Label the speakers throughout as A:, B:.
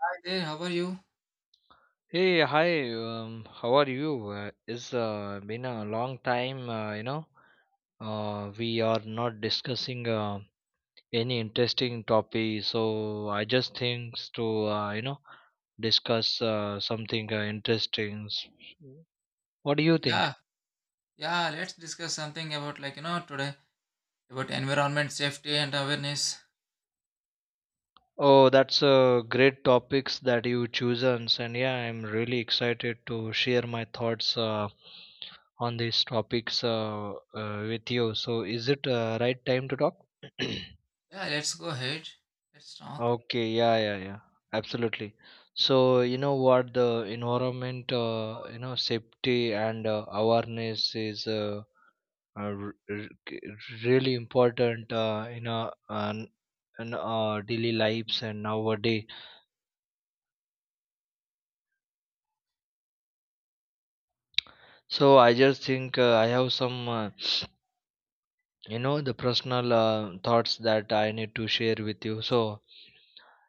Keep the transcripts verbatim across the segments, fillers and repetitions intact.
A: Hi there, how are you?
B: Hey, hi. Um, how are you? Uh, it's uh, been a long time. Uh, you know, uh, we are not discussing uh, any interesting topic. So I just think to uh, you know discuss uh, something uh, interesting. S- What do you think?
A: Yeah, yeah, let's discuss something about like you know today about environment safety and awareness.
B: Oh, that's a great topics that you chosen, and yeah, I'm really excited to share my thoughts uh, on these topics uh, uh, with you. So, is it uh, right time to talk?
A: Yeah, let's go ahead. Let's talk.
B: Okay, yeah, yeah, yeah, absolutely. So, you know what, the environment, uh, you know, safety and uh, awareness is uh, uh, r- r- k- really important uh, in a, an, in our daily lives and nowadays. So I just think uh, I have some, uh, you know, the personal uh, thoughts that I need to share with you. So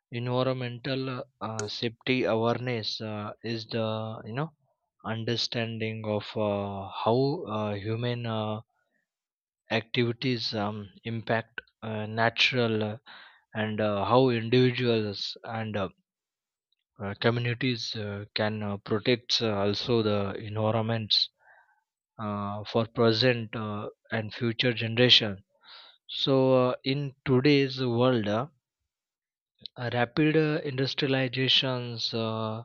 B: environmental uh, safety awareness uh, is the, you know, understanding of uh, how uh, human uh, activities um, impact uh, natural uh, and uh, how individuals and uh, uh, communities uh, can uh, protect uh, also the environments uh, for present uh, and future generations. So, uh, in today's world, uh, rapid uh, industrializations, uh,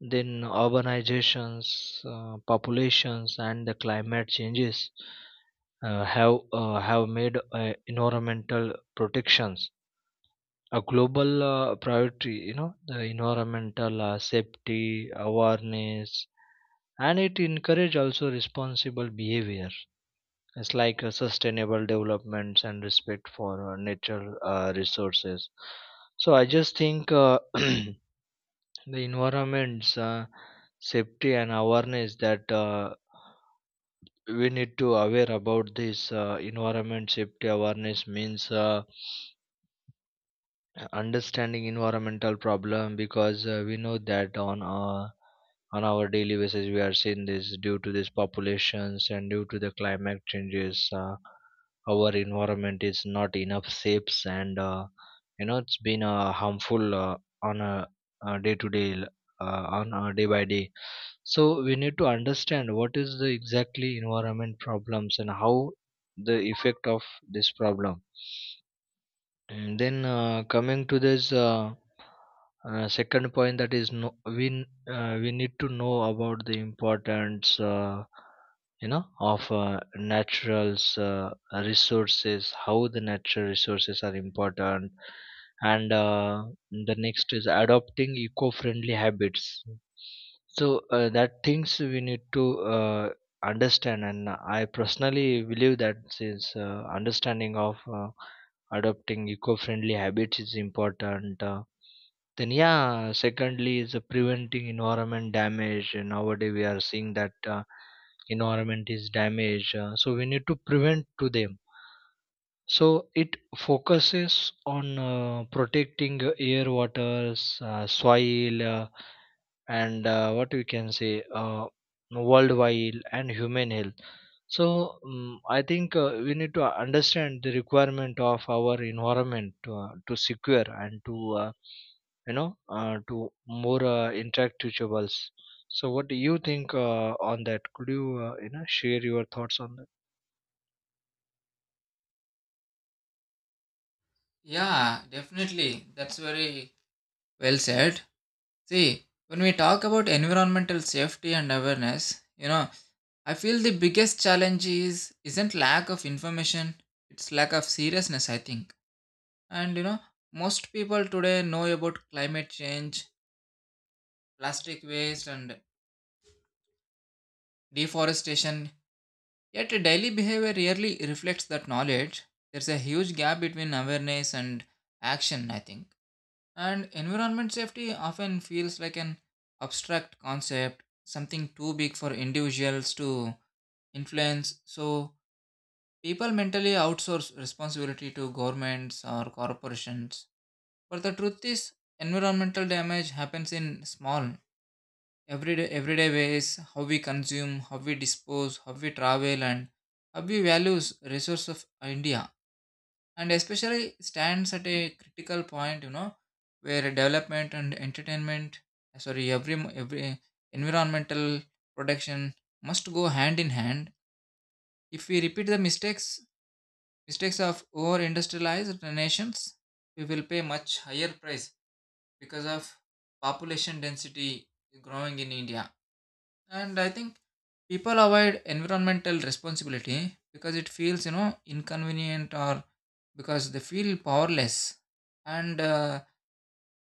B: then urbanizations, uh, populations, and the climate changes uh, have uh, have made uh, environmental protections a global uh, priority. You know, the environmental uh, safety awareness, and it encourage also responsible behavior, it's like uh, sustainable developments and respect for uh, natural uh, resources. So I just think uh, the environment's uh, safety and awareness, that uh, we need to aware about this uh, environment safety awareness means. Uh, understanding environmental problem, because uh, we know that on our on our daily basis we are seeing this due to these populations and due to the climate changes uh, our environment is not enough safe, and uh, you know it's been uh, harmful uh, on a, a day to day l- uh, on a day by day. So we need to understand what is the exactly environment problems and how the effect of this problem. And then uh, coming to this uh, uh, second point, that is, no, we n- uh, we need to know about the importance uh, you know of uh, naturals uh, resources, how the natural resources are important. And uh, the next is adopting eco-friendly habits. So uh, that things we need to uh, understand, and I personally believe that since uh, understanding of uh, adopting eco-friendly habits is important. Uh, then, yeah, secondly is uh, preventing environment damage. And nowadays we are seeing that uh, environment is damaged, uh, so we need to prevent to them. So it focuses on uh, protecting uh, air, waters, uh, soil, uh, and uh, what we can say, uh, worldwide and human health. So um, I think uh, we need to understand the requirement of our environment to, uh, to secure and to uh, you know uh, to more uh, interactables. So what do you think uh, on that? Could you uh, you know share your thoughts on that?
A: Yeah, definitely. That's very well said. See, when we talk about environmental safety and awareness, you know, I feel the biggest challenge is isn't lack of information, it's lack of seriousness, I think. And you know, most people today know about climate change, plastic waste and deforestation. Yet, daily behavior rarely reflects that knowledge. There's a huge gap between awareness and action, I think. And environment safety often feels like an abstract concept, something too big for individuals to influence. So, people mentally outsource responsibility to governments or corporations. But the truth is, environmental damage happens in small everyday everyday ways, how we consume, how we dispose, how we travel, and how we values resource of India, and especially stands at a critical point, you know, where development and entertainment, sorry, every every environmental protection must go hand in hand. If we repeat the mistakes mistakes of over industrialized nations, we will pay much higher price because of population density growing in India. And I think people avoid environmental responsibility because it feels, you know, inconvenient, or because they feel powerless. And uh,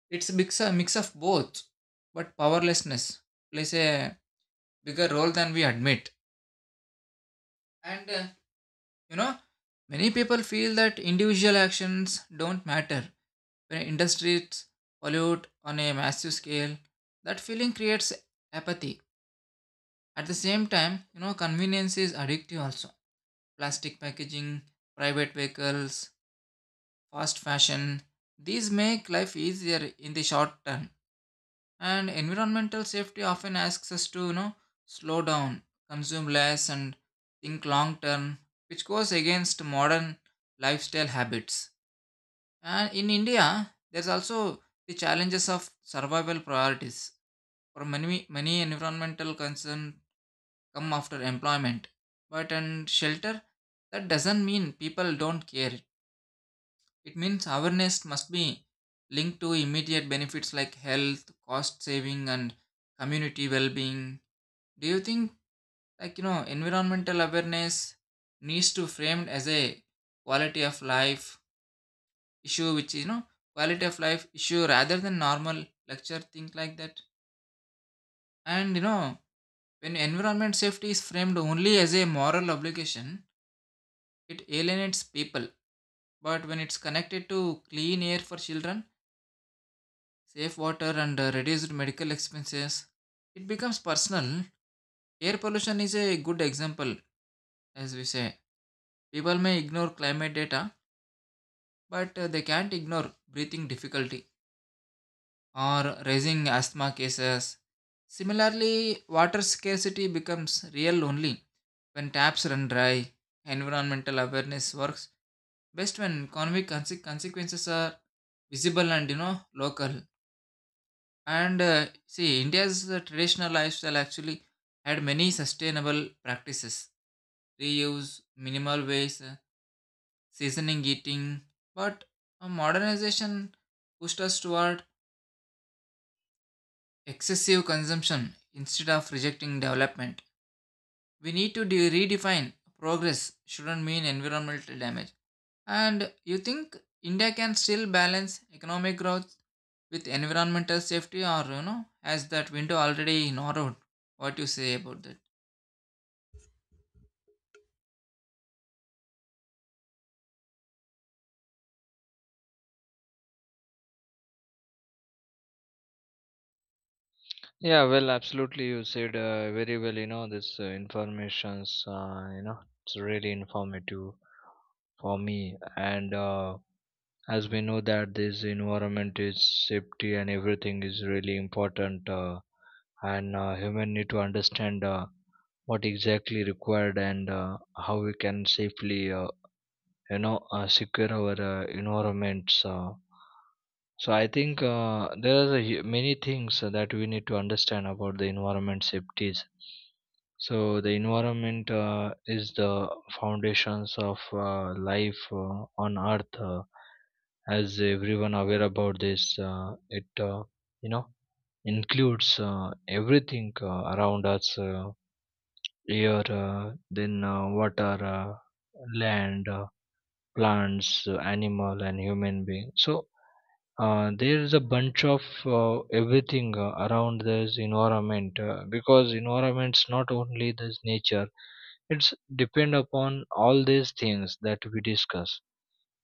A: it's a mix, a mix of both, but powerlessness plays a bigger role than we admit. And uh, you know, many people feel that individual actions don't matter when industries pollute on a massive scale. That feeling creates apathy. At the same time, you know, convenience is addictive also. Plastic packaging, private vehicles, fast fashion. These make life easier in the short term. And environmental safety often asks us to, you know, slow down, consume less, and think long term, which goes against modern lifestyle habits. And in India, there's also the challenges of survival priorities. For many, many environmental concerns come after employment, but and shelter. That doesn't mean people don't care. It means awareness must be linked to immediate benefits like health, cost saving, and community well being. Do you think, like, you know, environmental awareness needs to framed as a quality of life issue, which is, you know, quality of life issue rather than normal lecture thing like that? And, you know, when environment safety is framed only as a moral obligation, it alienates people. But when it's connected to clean air for children, safe water and uh, reduced medical expenses. It becomes personal. Air pollution is a good example, as we say. People may ignore climate data, but uh, they can't ignore breathing difficulty or rising asthma cases. Similarly, water scarcity becomes real only when taps run dry. Environmental awareness works best when economic conse- consequences are visible and, you know, local. And uh, see, India's uh, traditional lifestyle actually had many sustainable practices, reuse, minimal waste, uh, seasoning eating. But uh, modernization pushed us toward excessive consumption instead of rejecting development. We need to de- redefine progress, shouldn't mean environmental damage. And you think India can still balance economic growth with environmental safety, or, you know, has that window already narrowed? What you say about that?
B: Yeah, well, absolutely. You said uh, very well, you know, this uh, information's, uh, you know, it's really informative for me. And uh, as we know that this environment is safety and everything is really important, uh, and uh, human need to understand uh, what exactly required, and uh, how we can safely, uh, you know, uh, secure our uh, environments. Uh, so I think uh, there are the hu- many things that we need to understand about the environment safeties. So the environment uh, is the foundations of uh, life uh, on Earth. Uh, as everyone aware about this, uh, it uh, you know includes uh, everything uh, around us: uh, air, uh, then uh, water, uh, land, uh, plants, uh, animal, and human being. So uh, there's a bunch of uh, everything uh, around this environment, uh, because environment's not only this nature, it's depend upon all these things that we discuss.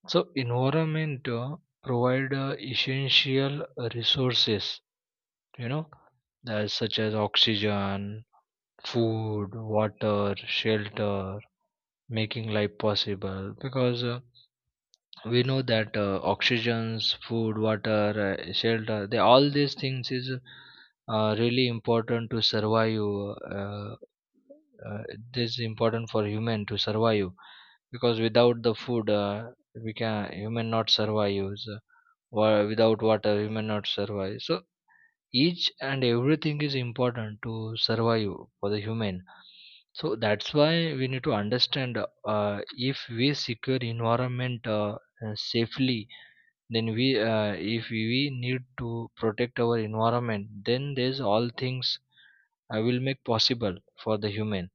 B: So environment uh, provide uh, essential resources, you know, that such as oxygen, food, water, shelter, making life possible, because uh, we know that uh, oxygens, food, water, uh, shelter, they all these things is uh, really important to survive. uh, uh, this is important for human to survive, because without the food uh, we can human not survive. So, wa- without water human not survive. So each and everything is important to survive for the human. So that's why we need to understand, uh, if we secure environment uh, uh, safely, then we uh, if we we need to protect our environment, then there's all things I will make possible for the human.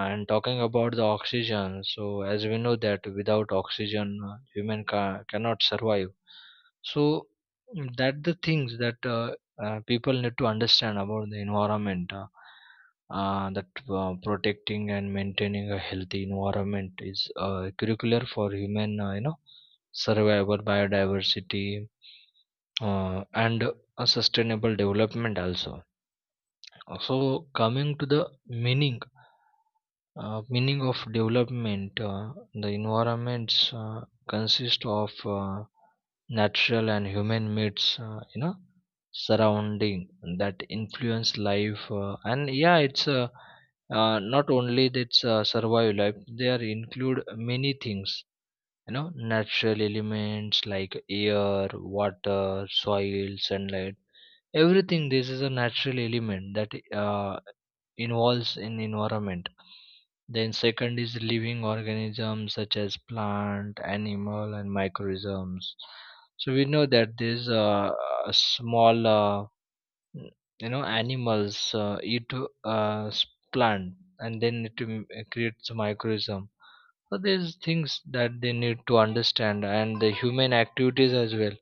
B: And talking about the oxygen, so as we know that without oxygen, uh, human ca- cannot survive. So mm, that the things that uh, uh, people need to understand about the environment. Uh, uh, that uh, protecting and maintaining a healthy environment is uh, curricular for human, uh, you know, survival, biodiversity, uh, and a sustainable development also. Uh, So coming to the meaning uh, meaning of development, uh, the environments uh, consist of uh, natural and human myths, uh, you know surrounding that influence life, uh, and yeah, it's uh, uh, not only that's uh, survival life, they are include many things, you know, natural elements like air, water, soil, sunlight, everything. This is a natural element that uh, involves in environment. Then second is living organisms, such as plant, animal, and microorganisms. So we know that these uh, small uh, you know animals uh, eat uh, s- plant, and then it m- creates microorganism. So there's things that they need to understand, and the human activities as well,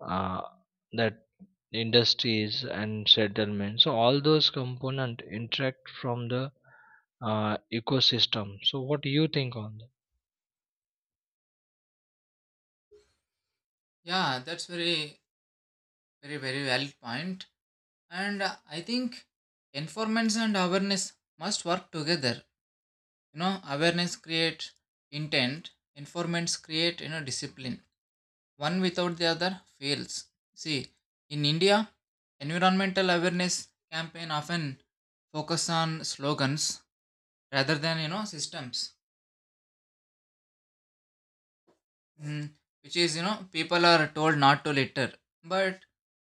B: uh, that industries and settlements. So all those component interact from the uh, ecosystem. So what do you think on that?
A: Yeah, that's very, very, very valid point. And uh, I think enforcement and awareness must work together. You know, awareness creates intent, enforcements create, you know, discipline. One without the other fails. See, in India, environmental awareness campaign often focus on slogans rather than, you know, systems. Mm, which is, you know, people are told not to litter, but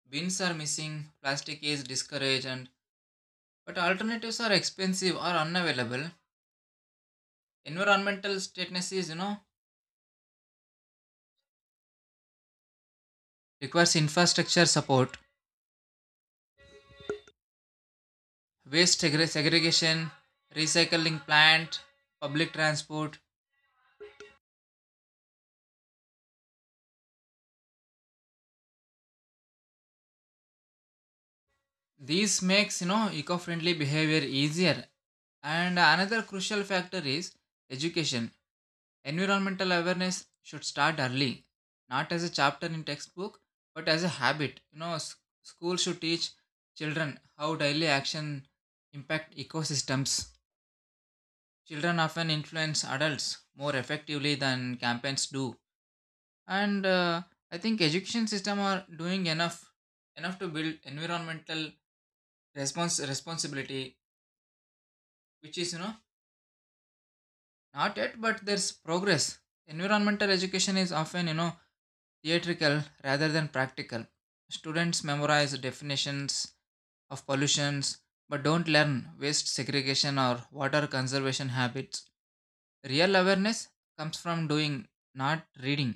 A: bins are missing, plastic is discouraged, and but alternatives are expensive or unavailable. Environmental status is, you know, requires infrastructure support, waste segre- segregation, recycling plant, public transport. This makes, you know, eco-friendly behavior easier. And another crucial factor is education. Environmental awareness should start early, not as a chapter in textbook, but as a habit. You know, s- school should teach children how daily action impact ecosystems. Children often influence adults more effectively than campaigns do. And uh, I think education system are doing enough enough to build environmental response responsibility, which is, you know, not yet, but there's progress. Environmental education is often, you know, theatrical rather than practical. Students memorize definitions of pollutions but don't learn waste segregation or water conservation habits. Real awareness comes from doing, not reading.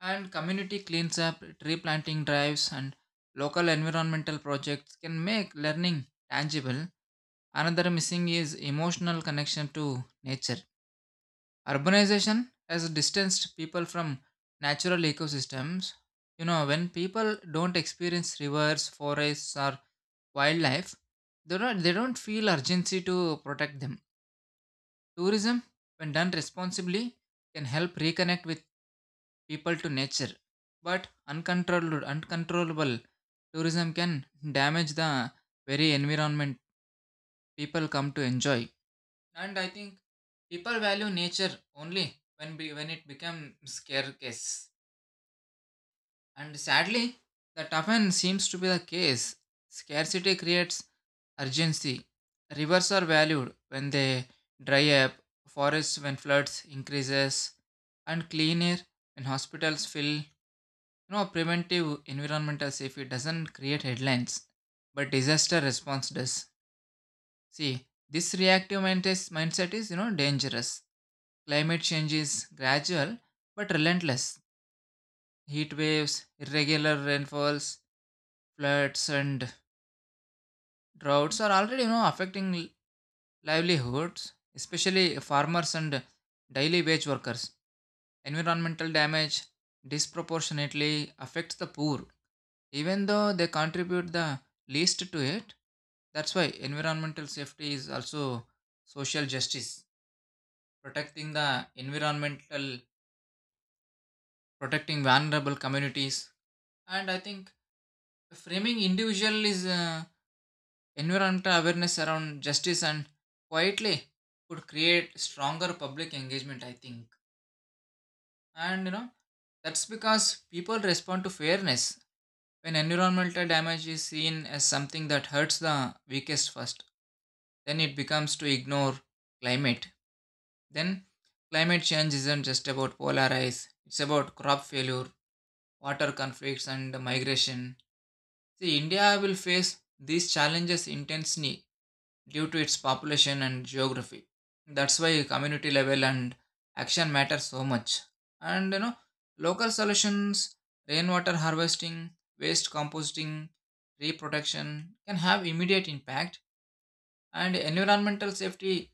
A: And community cleans up, tree planting drives, and local environmental projects can make learning tangible. Another missing is emotional connection to nature. Urbanization has distanced people from natural ecosystems. You know, when people don't experience rivers, forests or wildlife, they don't, they don't feel urgency to protect them. Tourism, when done responsibly, can help reconnect with people to nature. But uncontrolled uncontrollable tourism can damage the very environment people come to enjoy. And I think people value nature only when be, when it becomes scarce. And sadly, that often seems to be the case. Scarcity creates urgency. Rivers are valued when they dry up, forests when floods increases, and clean air when hospitals fill. You know, preventive environmental safety doesn't create headlines, but disaster response does. See, this reactive mindset mindset is, you know, dangerous. Climate change is gradual but relentless. Heat waves, irregular rainfalls, floods, and droughts are already, you know, affecting l- livelihoods, especially farmers and daily wage workers. Environmental damage disproportionately affects the poor, even though they contribute the least to it. That's why environmental safety is also social justice. protecting the environmental, Protecting vulnerable communities. And I think framing individual is uh, environmental awareness around justice and quietly could create stronger public engagement, I think. And you know, that's because people respond to fairness. When environmental damage is seen as something that hurts the weakest first, then it becomes to ignore climate. Then Climate change isn't just about polar ice, it's about crop failure, water conflicts, and migration. See, India will face these challenges intensely due to its population and geography. That's why community level and action matter so much. And you know, local solutions, rainwater harvesting, waste composting, reprotection can have immediate impact. And environmental safety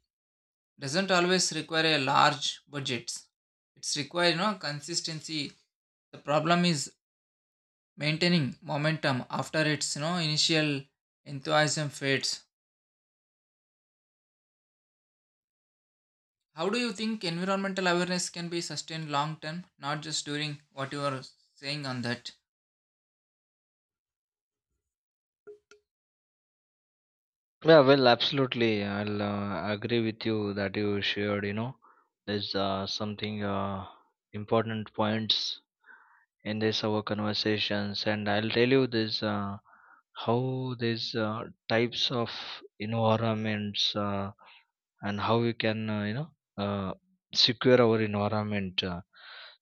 A: doesn't always require a large budgets. It's require, you know, consistency. The problem is maintaining momentum after its, you know, initial enthusiasm fades. How do you think environmental awareness can be sustained long term, not just during what you are saying on that?
B: Yeah, well, absolutely. I'll uh, agree with you that you shared. You know, there's uh, something uh, important points in this our conversations, and I'll tell you this, uh, how these uh, types of environments. Uh, and how we can uh, you know uh, secure our environment. uh.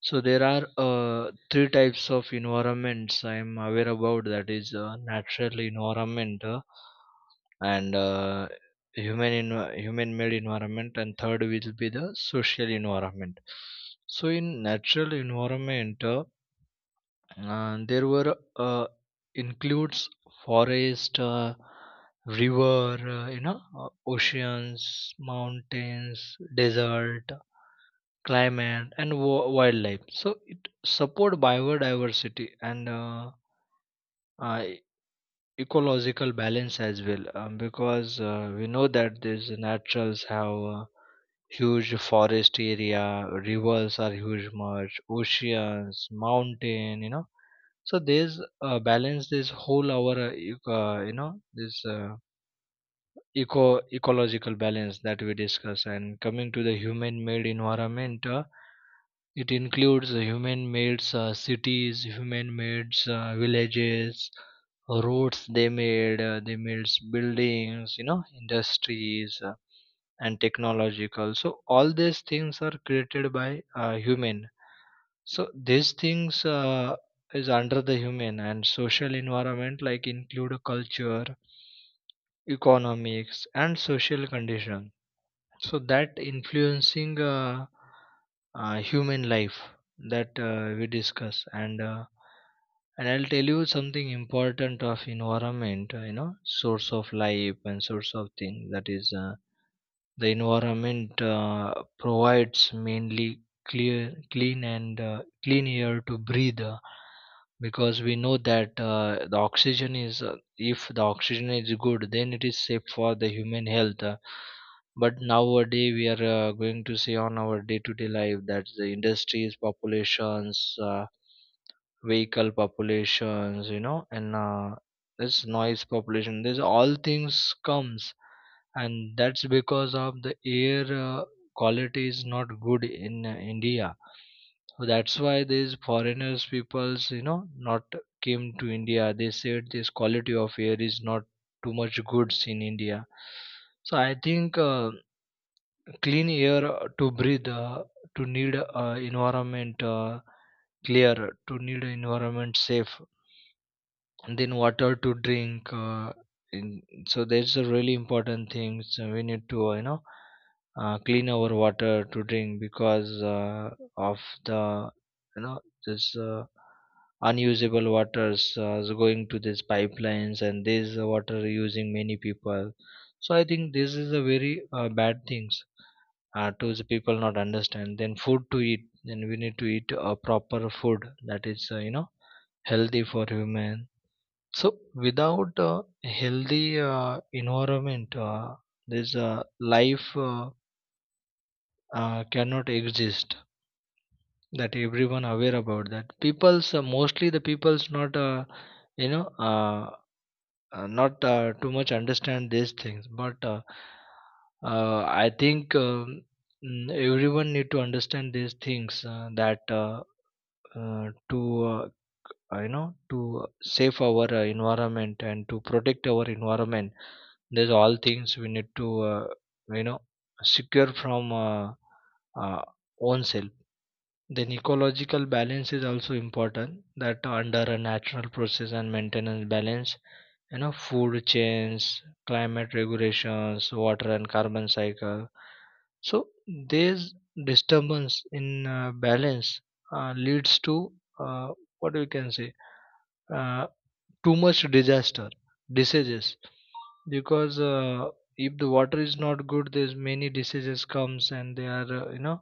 B: So there are uh, three types of environments I am aware about. That is uh, natural environment, uh, and uh, human env- human made environment, and third will be the social environment. So in natural environment, uh, and there were uh, includes forest, uh, river, uh, you know uh, oceans, mountains, desert, climate, and w- wildlife. So it support biodiversity and uh, uh, ecological balance as well, um, because uh, we know that these naturals have uh, huge forest area, rivers are huge, much oceans, mountain, you know. So there's uh, balance this whole our uh, ec- uh, you know this uh, eco ecological balance that we discuss. And coming to the human made environment, uh, it includes the human made uh, cities, human made uh, villages, roads they made uh, they made buildings, you know, industries, uh, and technological. So all these things are created by uh, human. So these things uh, is under the human. And social environment like include a culture, economics, and social condition, so that influencing uh, uh, human life, that uh, we discuss. And uh, and I'll tell you something important of environment, uh, you know source of life and source of thing, that is uh, the environment uh, provides mainly clear, clean and uh, clean air to breathe, uh, because we know that uh, the oxygen is uh, if the oxygen is good, then it is safe for the human health. Uh, but nowadays we are uh, going to see on our day to day life that the industries populations, uh, vehicle populations, you know, and uh, this noise population, this all things comes, and that's because of the air uh, quality is not good in uh, India. So that's why these foreigners peoples, you know, not came to India. They said this quality of air is not too much goods in India. So I think uh, clean air uh, to breathe, uh, to need uh, environment uh, clear, to need environment safe. And then water to drink, uh, in, so that's a really important thing. So we need to uh, you know uh, clean our water to drink, because uh, of the, you know, this uh, unusable waters uh, is going to these pipelines, and this water using many people. So I think this is a very uh, bad things uh, to the people not understand. Then food to eat, then we need to eat a proper food, that is, uh, you know healthy for human. So without a healthy uh, environment, uh, this uh, life uh, uh, cannot exist. That everyone aware about that. People's, uh, mostly the people's not, uh, you know uh, uh, not uh, too much understand these things. But uh, uh, I think um, mm, everyone need to understand these things, uh, that uh, uh, to uh, you know to save our uh, environment and to protect our environment. These all things we need to uh, you know secure from uh, uh, own self. Then ecological balance is also important. That under a natural process and maintenance balance, you know, food chains, climate regulations, water and carbon cycle. So these disturbance in uh, balance uh, leads to, uh, what we can say, uh, too much disaster, diseases, because uh, if the water is not good, there's many diseases comes, and they are uh, you know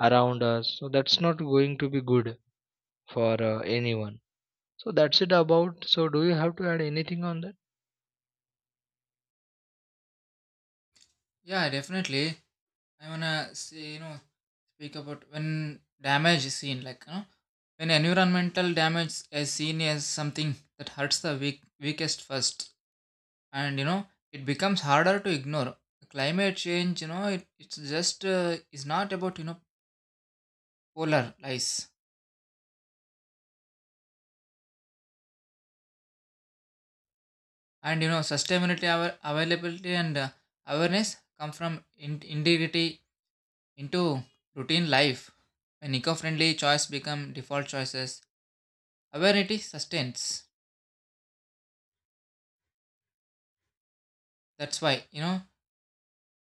B: around us, so that's not going to be good for uh, anyone. So that's it about. So do you have to add anything on that?
A: Yeah, definitely. I want to say, you know, speak about when damage is seen, like, you know, when environmental damage is seen as something that hurts the weak, weakest first, and you know, it becomes harder to ignore climate change. You know, it, it's just uh, is not about, you know, polar lies. And you know, sustainability our availability and uh, awareness come from in- integrity into routine life. When eco-friendly choice become default choices, awareness sustains. That's why, you know,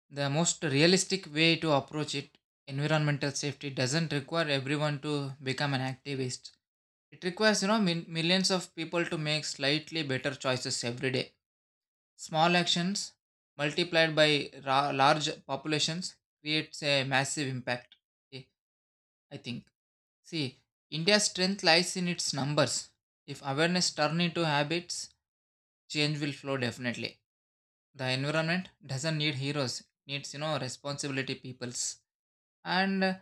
A: the most realistic way to approach it, environmental safety doesn't require everyone to become an activist. It requires, you know, min- millions of people to make slightly better choices every day. Small actions multiplied by ra- large populations creates a massive impact. Okay, I think. See, India's strength lies in its numbers. If awareness turns into habits, change will flow definitely. The environment doesn't need heroes; it needs, you know, responsibility peoples. And uh,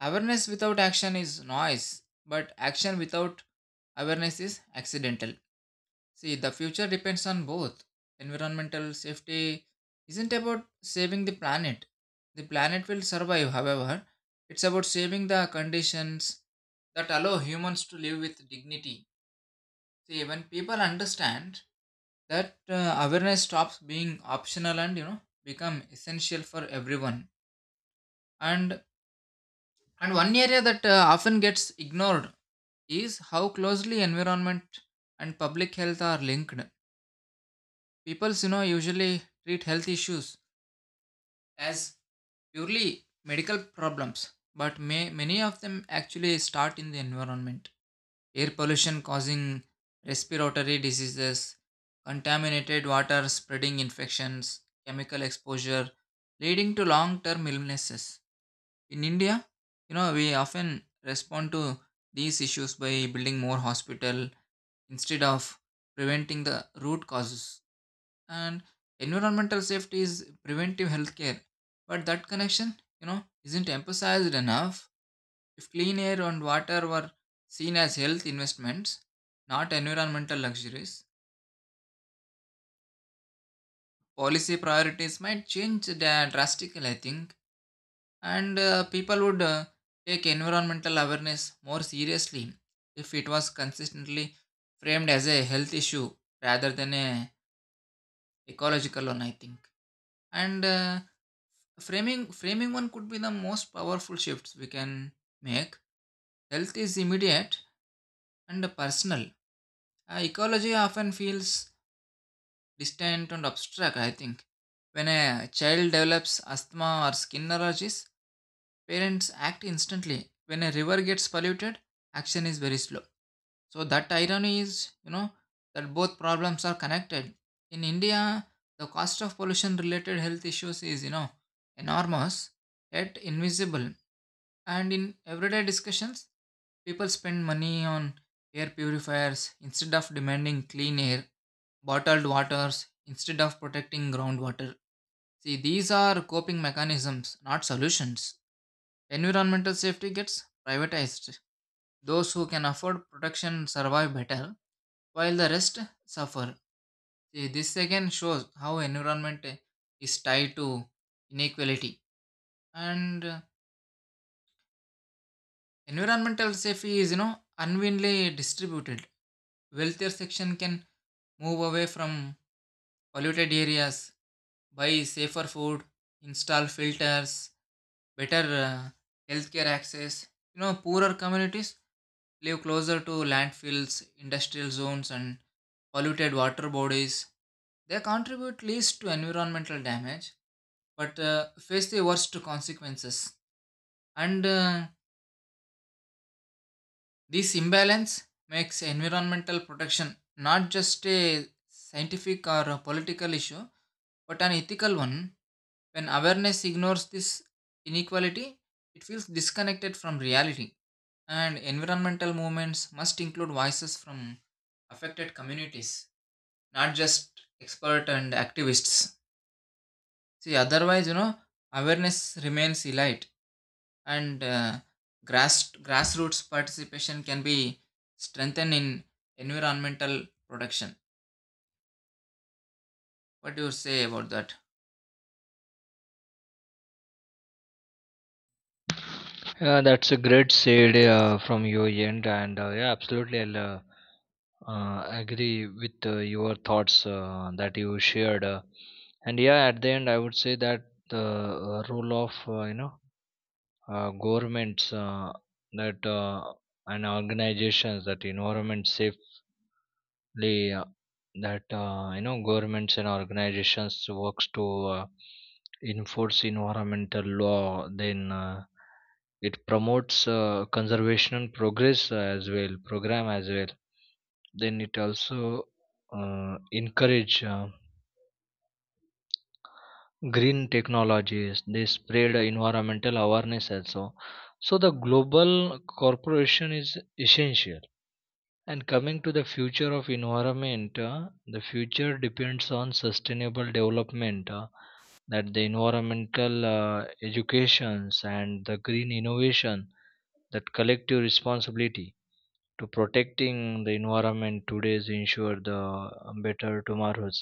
A: awareness without action is noise, but action without awareness is accidental. See, the future depends on both. Environmental safety isn't about saving the planet. The planet will survive, however, it's about saving the conditions that allow humans to live with dignity. See, when people understand that uh, awareness stops being optional and, you know, become essential for everyone. And and one area that uh, often gets ignored is how closely environment and public health are linked. People, you know, usually treat health issues as purely medical problems, but may, many of them actually start in the environment. Air pollution causing respiratory diseases, contaminated water spreading infections, chemical exposure leading to long term illnesses. In India, you know, we often respond to these issues by building more hospital instead of preventing the root causes. And environmental safety is preventive healthcare, but that connection, you know, isn't emphasized enough. If clean air and water were seen as health investments, not environmental luxuries, policy priorities might change dra- drastically, I think. And uh, people would uh, take environmental awareness more seriously if it was consistently framed as a health issue rather than a ecological one, I think. And uh, Framing framing one could be the most powerful shifts we can make. Health is immediate and personal. Uh, ecology often feels distant and abstract, I think. When a child develops asthma or skin allergies, parents act instantly. When a river gets polluted, action is very slow. So that irony is, you know, that both problems are connected. In India, the cost of pollution related health issues is, you know, enormous, yet invisible. And in everyday discussions, people spend money on air purifiers instead of demanding clean air, bottled waters instead of protecting groundwater. See, these are coping mechanisms, not solutions. Environmental safety gets privatized. Those who can afford protection survive better, while the rest suffer. See, this again shows how environment is tied to inequality. And uh, environmental safety is, you know, unevenly distributed. Wealthier section can move away from polluted areas, buy safer food, install filters, better uh, healthcare access. You know, poorer communities live closer to landfills, industrial zones, and polluted water bodies. They contribute least to environmental damage, but uh, face the worst consequences. And uh, this imbalance makes environmental protection not just a scientific or a political issue, but an ethical one. When awareness ignores this inequality, it feels disconnected from reality. And environmental movements must include voices from affected communities, not just expert and activists. See, otherwise, you know, awareness remains elite. And uh, grass grassroots participation can be strengthened in environmental protection. What do you say about that?
B: Yeah, that's a great said uh, from your end, and uh, yeah, absolutely, i'll uh, uh, agree with uh, your thoughts uh, that you shared. Uh, and yeah, at the end, I would say that the uh, role of uh, you know uh, governments, uh, that uh, and organizations, that environment safely, uh, that uh, you know governments and organizations works to uh, enforce environmental law. Then uh, it promotes uh, conservation and progress as well program as well. Then it also uh, encourage uh, green technologies. They spread environmental awareness also. So the global corporation is essential. And coming to the future of environment, uh, the future depends on sustainable development, uh, that the environmental uh, educations and the green innovation, that collective responsibility to protecting the environment today is ensure the um, better tomorrows.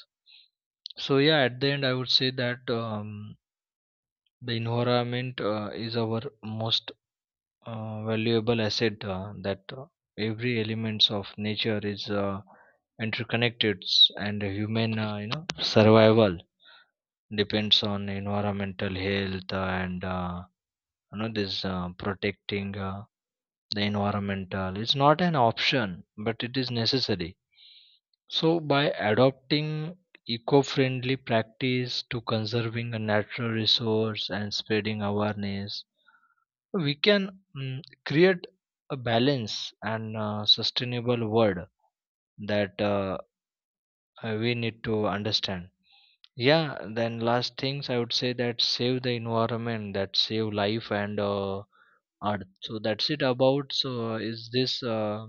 B: So yeah, at the end, I would say that um, the environment uh, is our most uh, valuable asset, uh, that uh, every elements of nature is uh, interconnected, and human, uh, you know survival depends on environmental health. And uh, you know this uh, protecting uh, the environmental is not an option, but it is necessary. So by adopting eco-friendly practice, to conserving a natural resource and spreading awareness, we can mm, create a balance and uh, sustainable world, that uh, uh, we need to understand. Yeah, then last things I would say that save the environment, that save life and uh, earth. So that's it about. So is this, uh,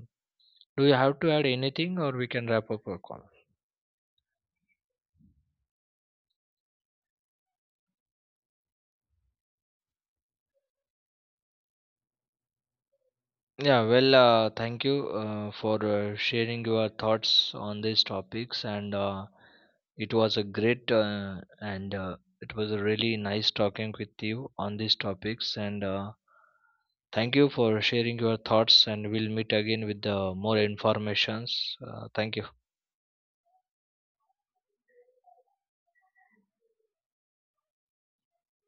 B: do you have to add anything, or we can wrap up our call? Yeah, well, uh, thank you uh, for uh, sharing your thoughts on these topics, and uh, it was a great uh, and uh, it was a really nice talking with you on these topics. And uh, thank you for sharing your thoughts, and we'll meet again with uh, more informations. Uh, thank you.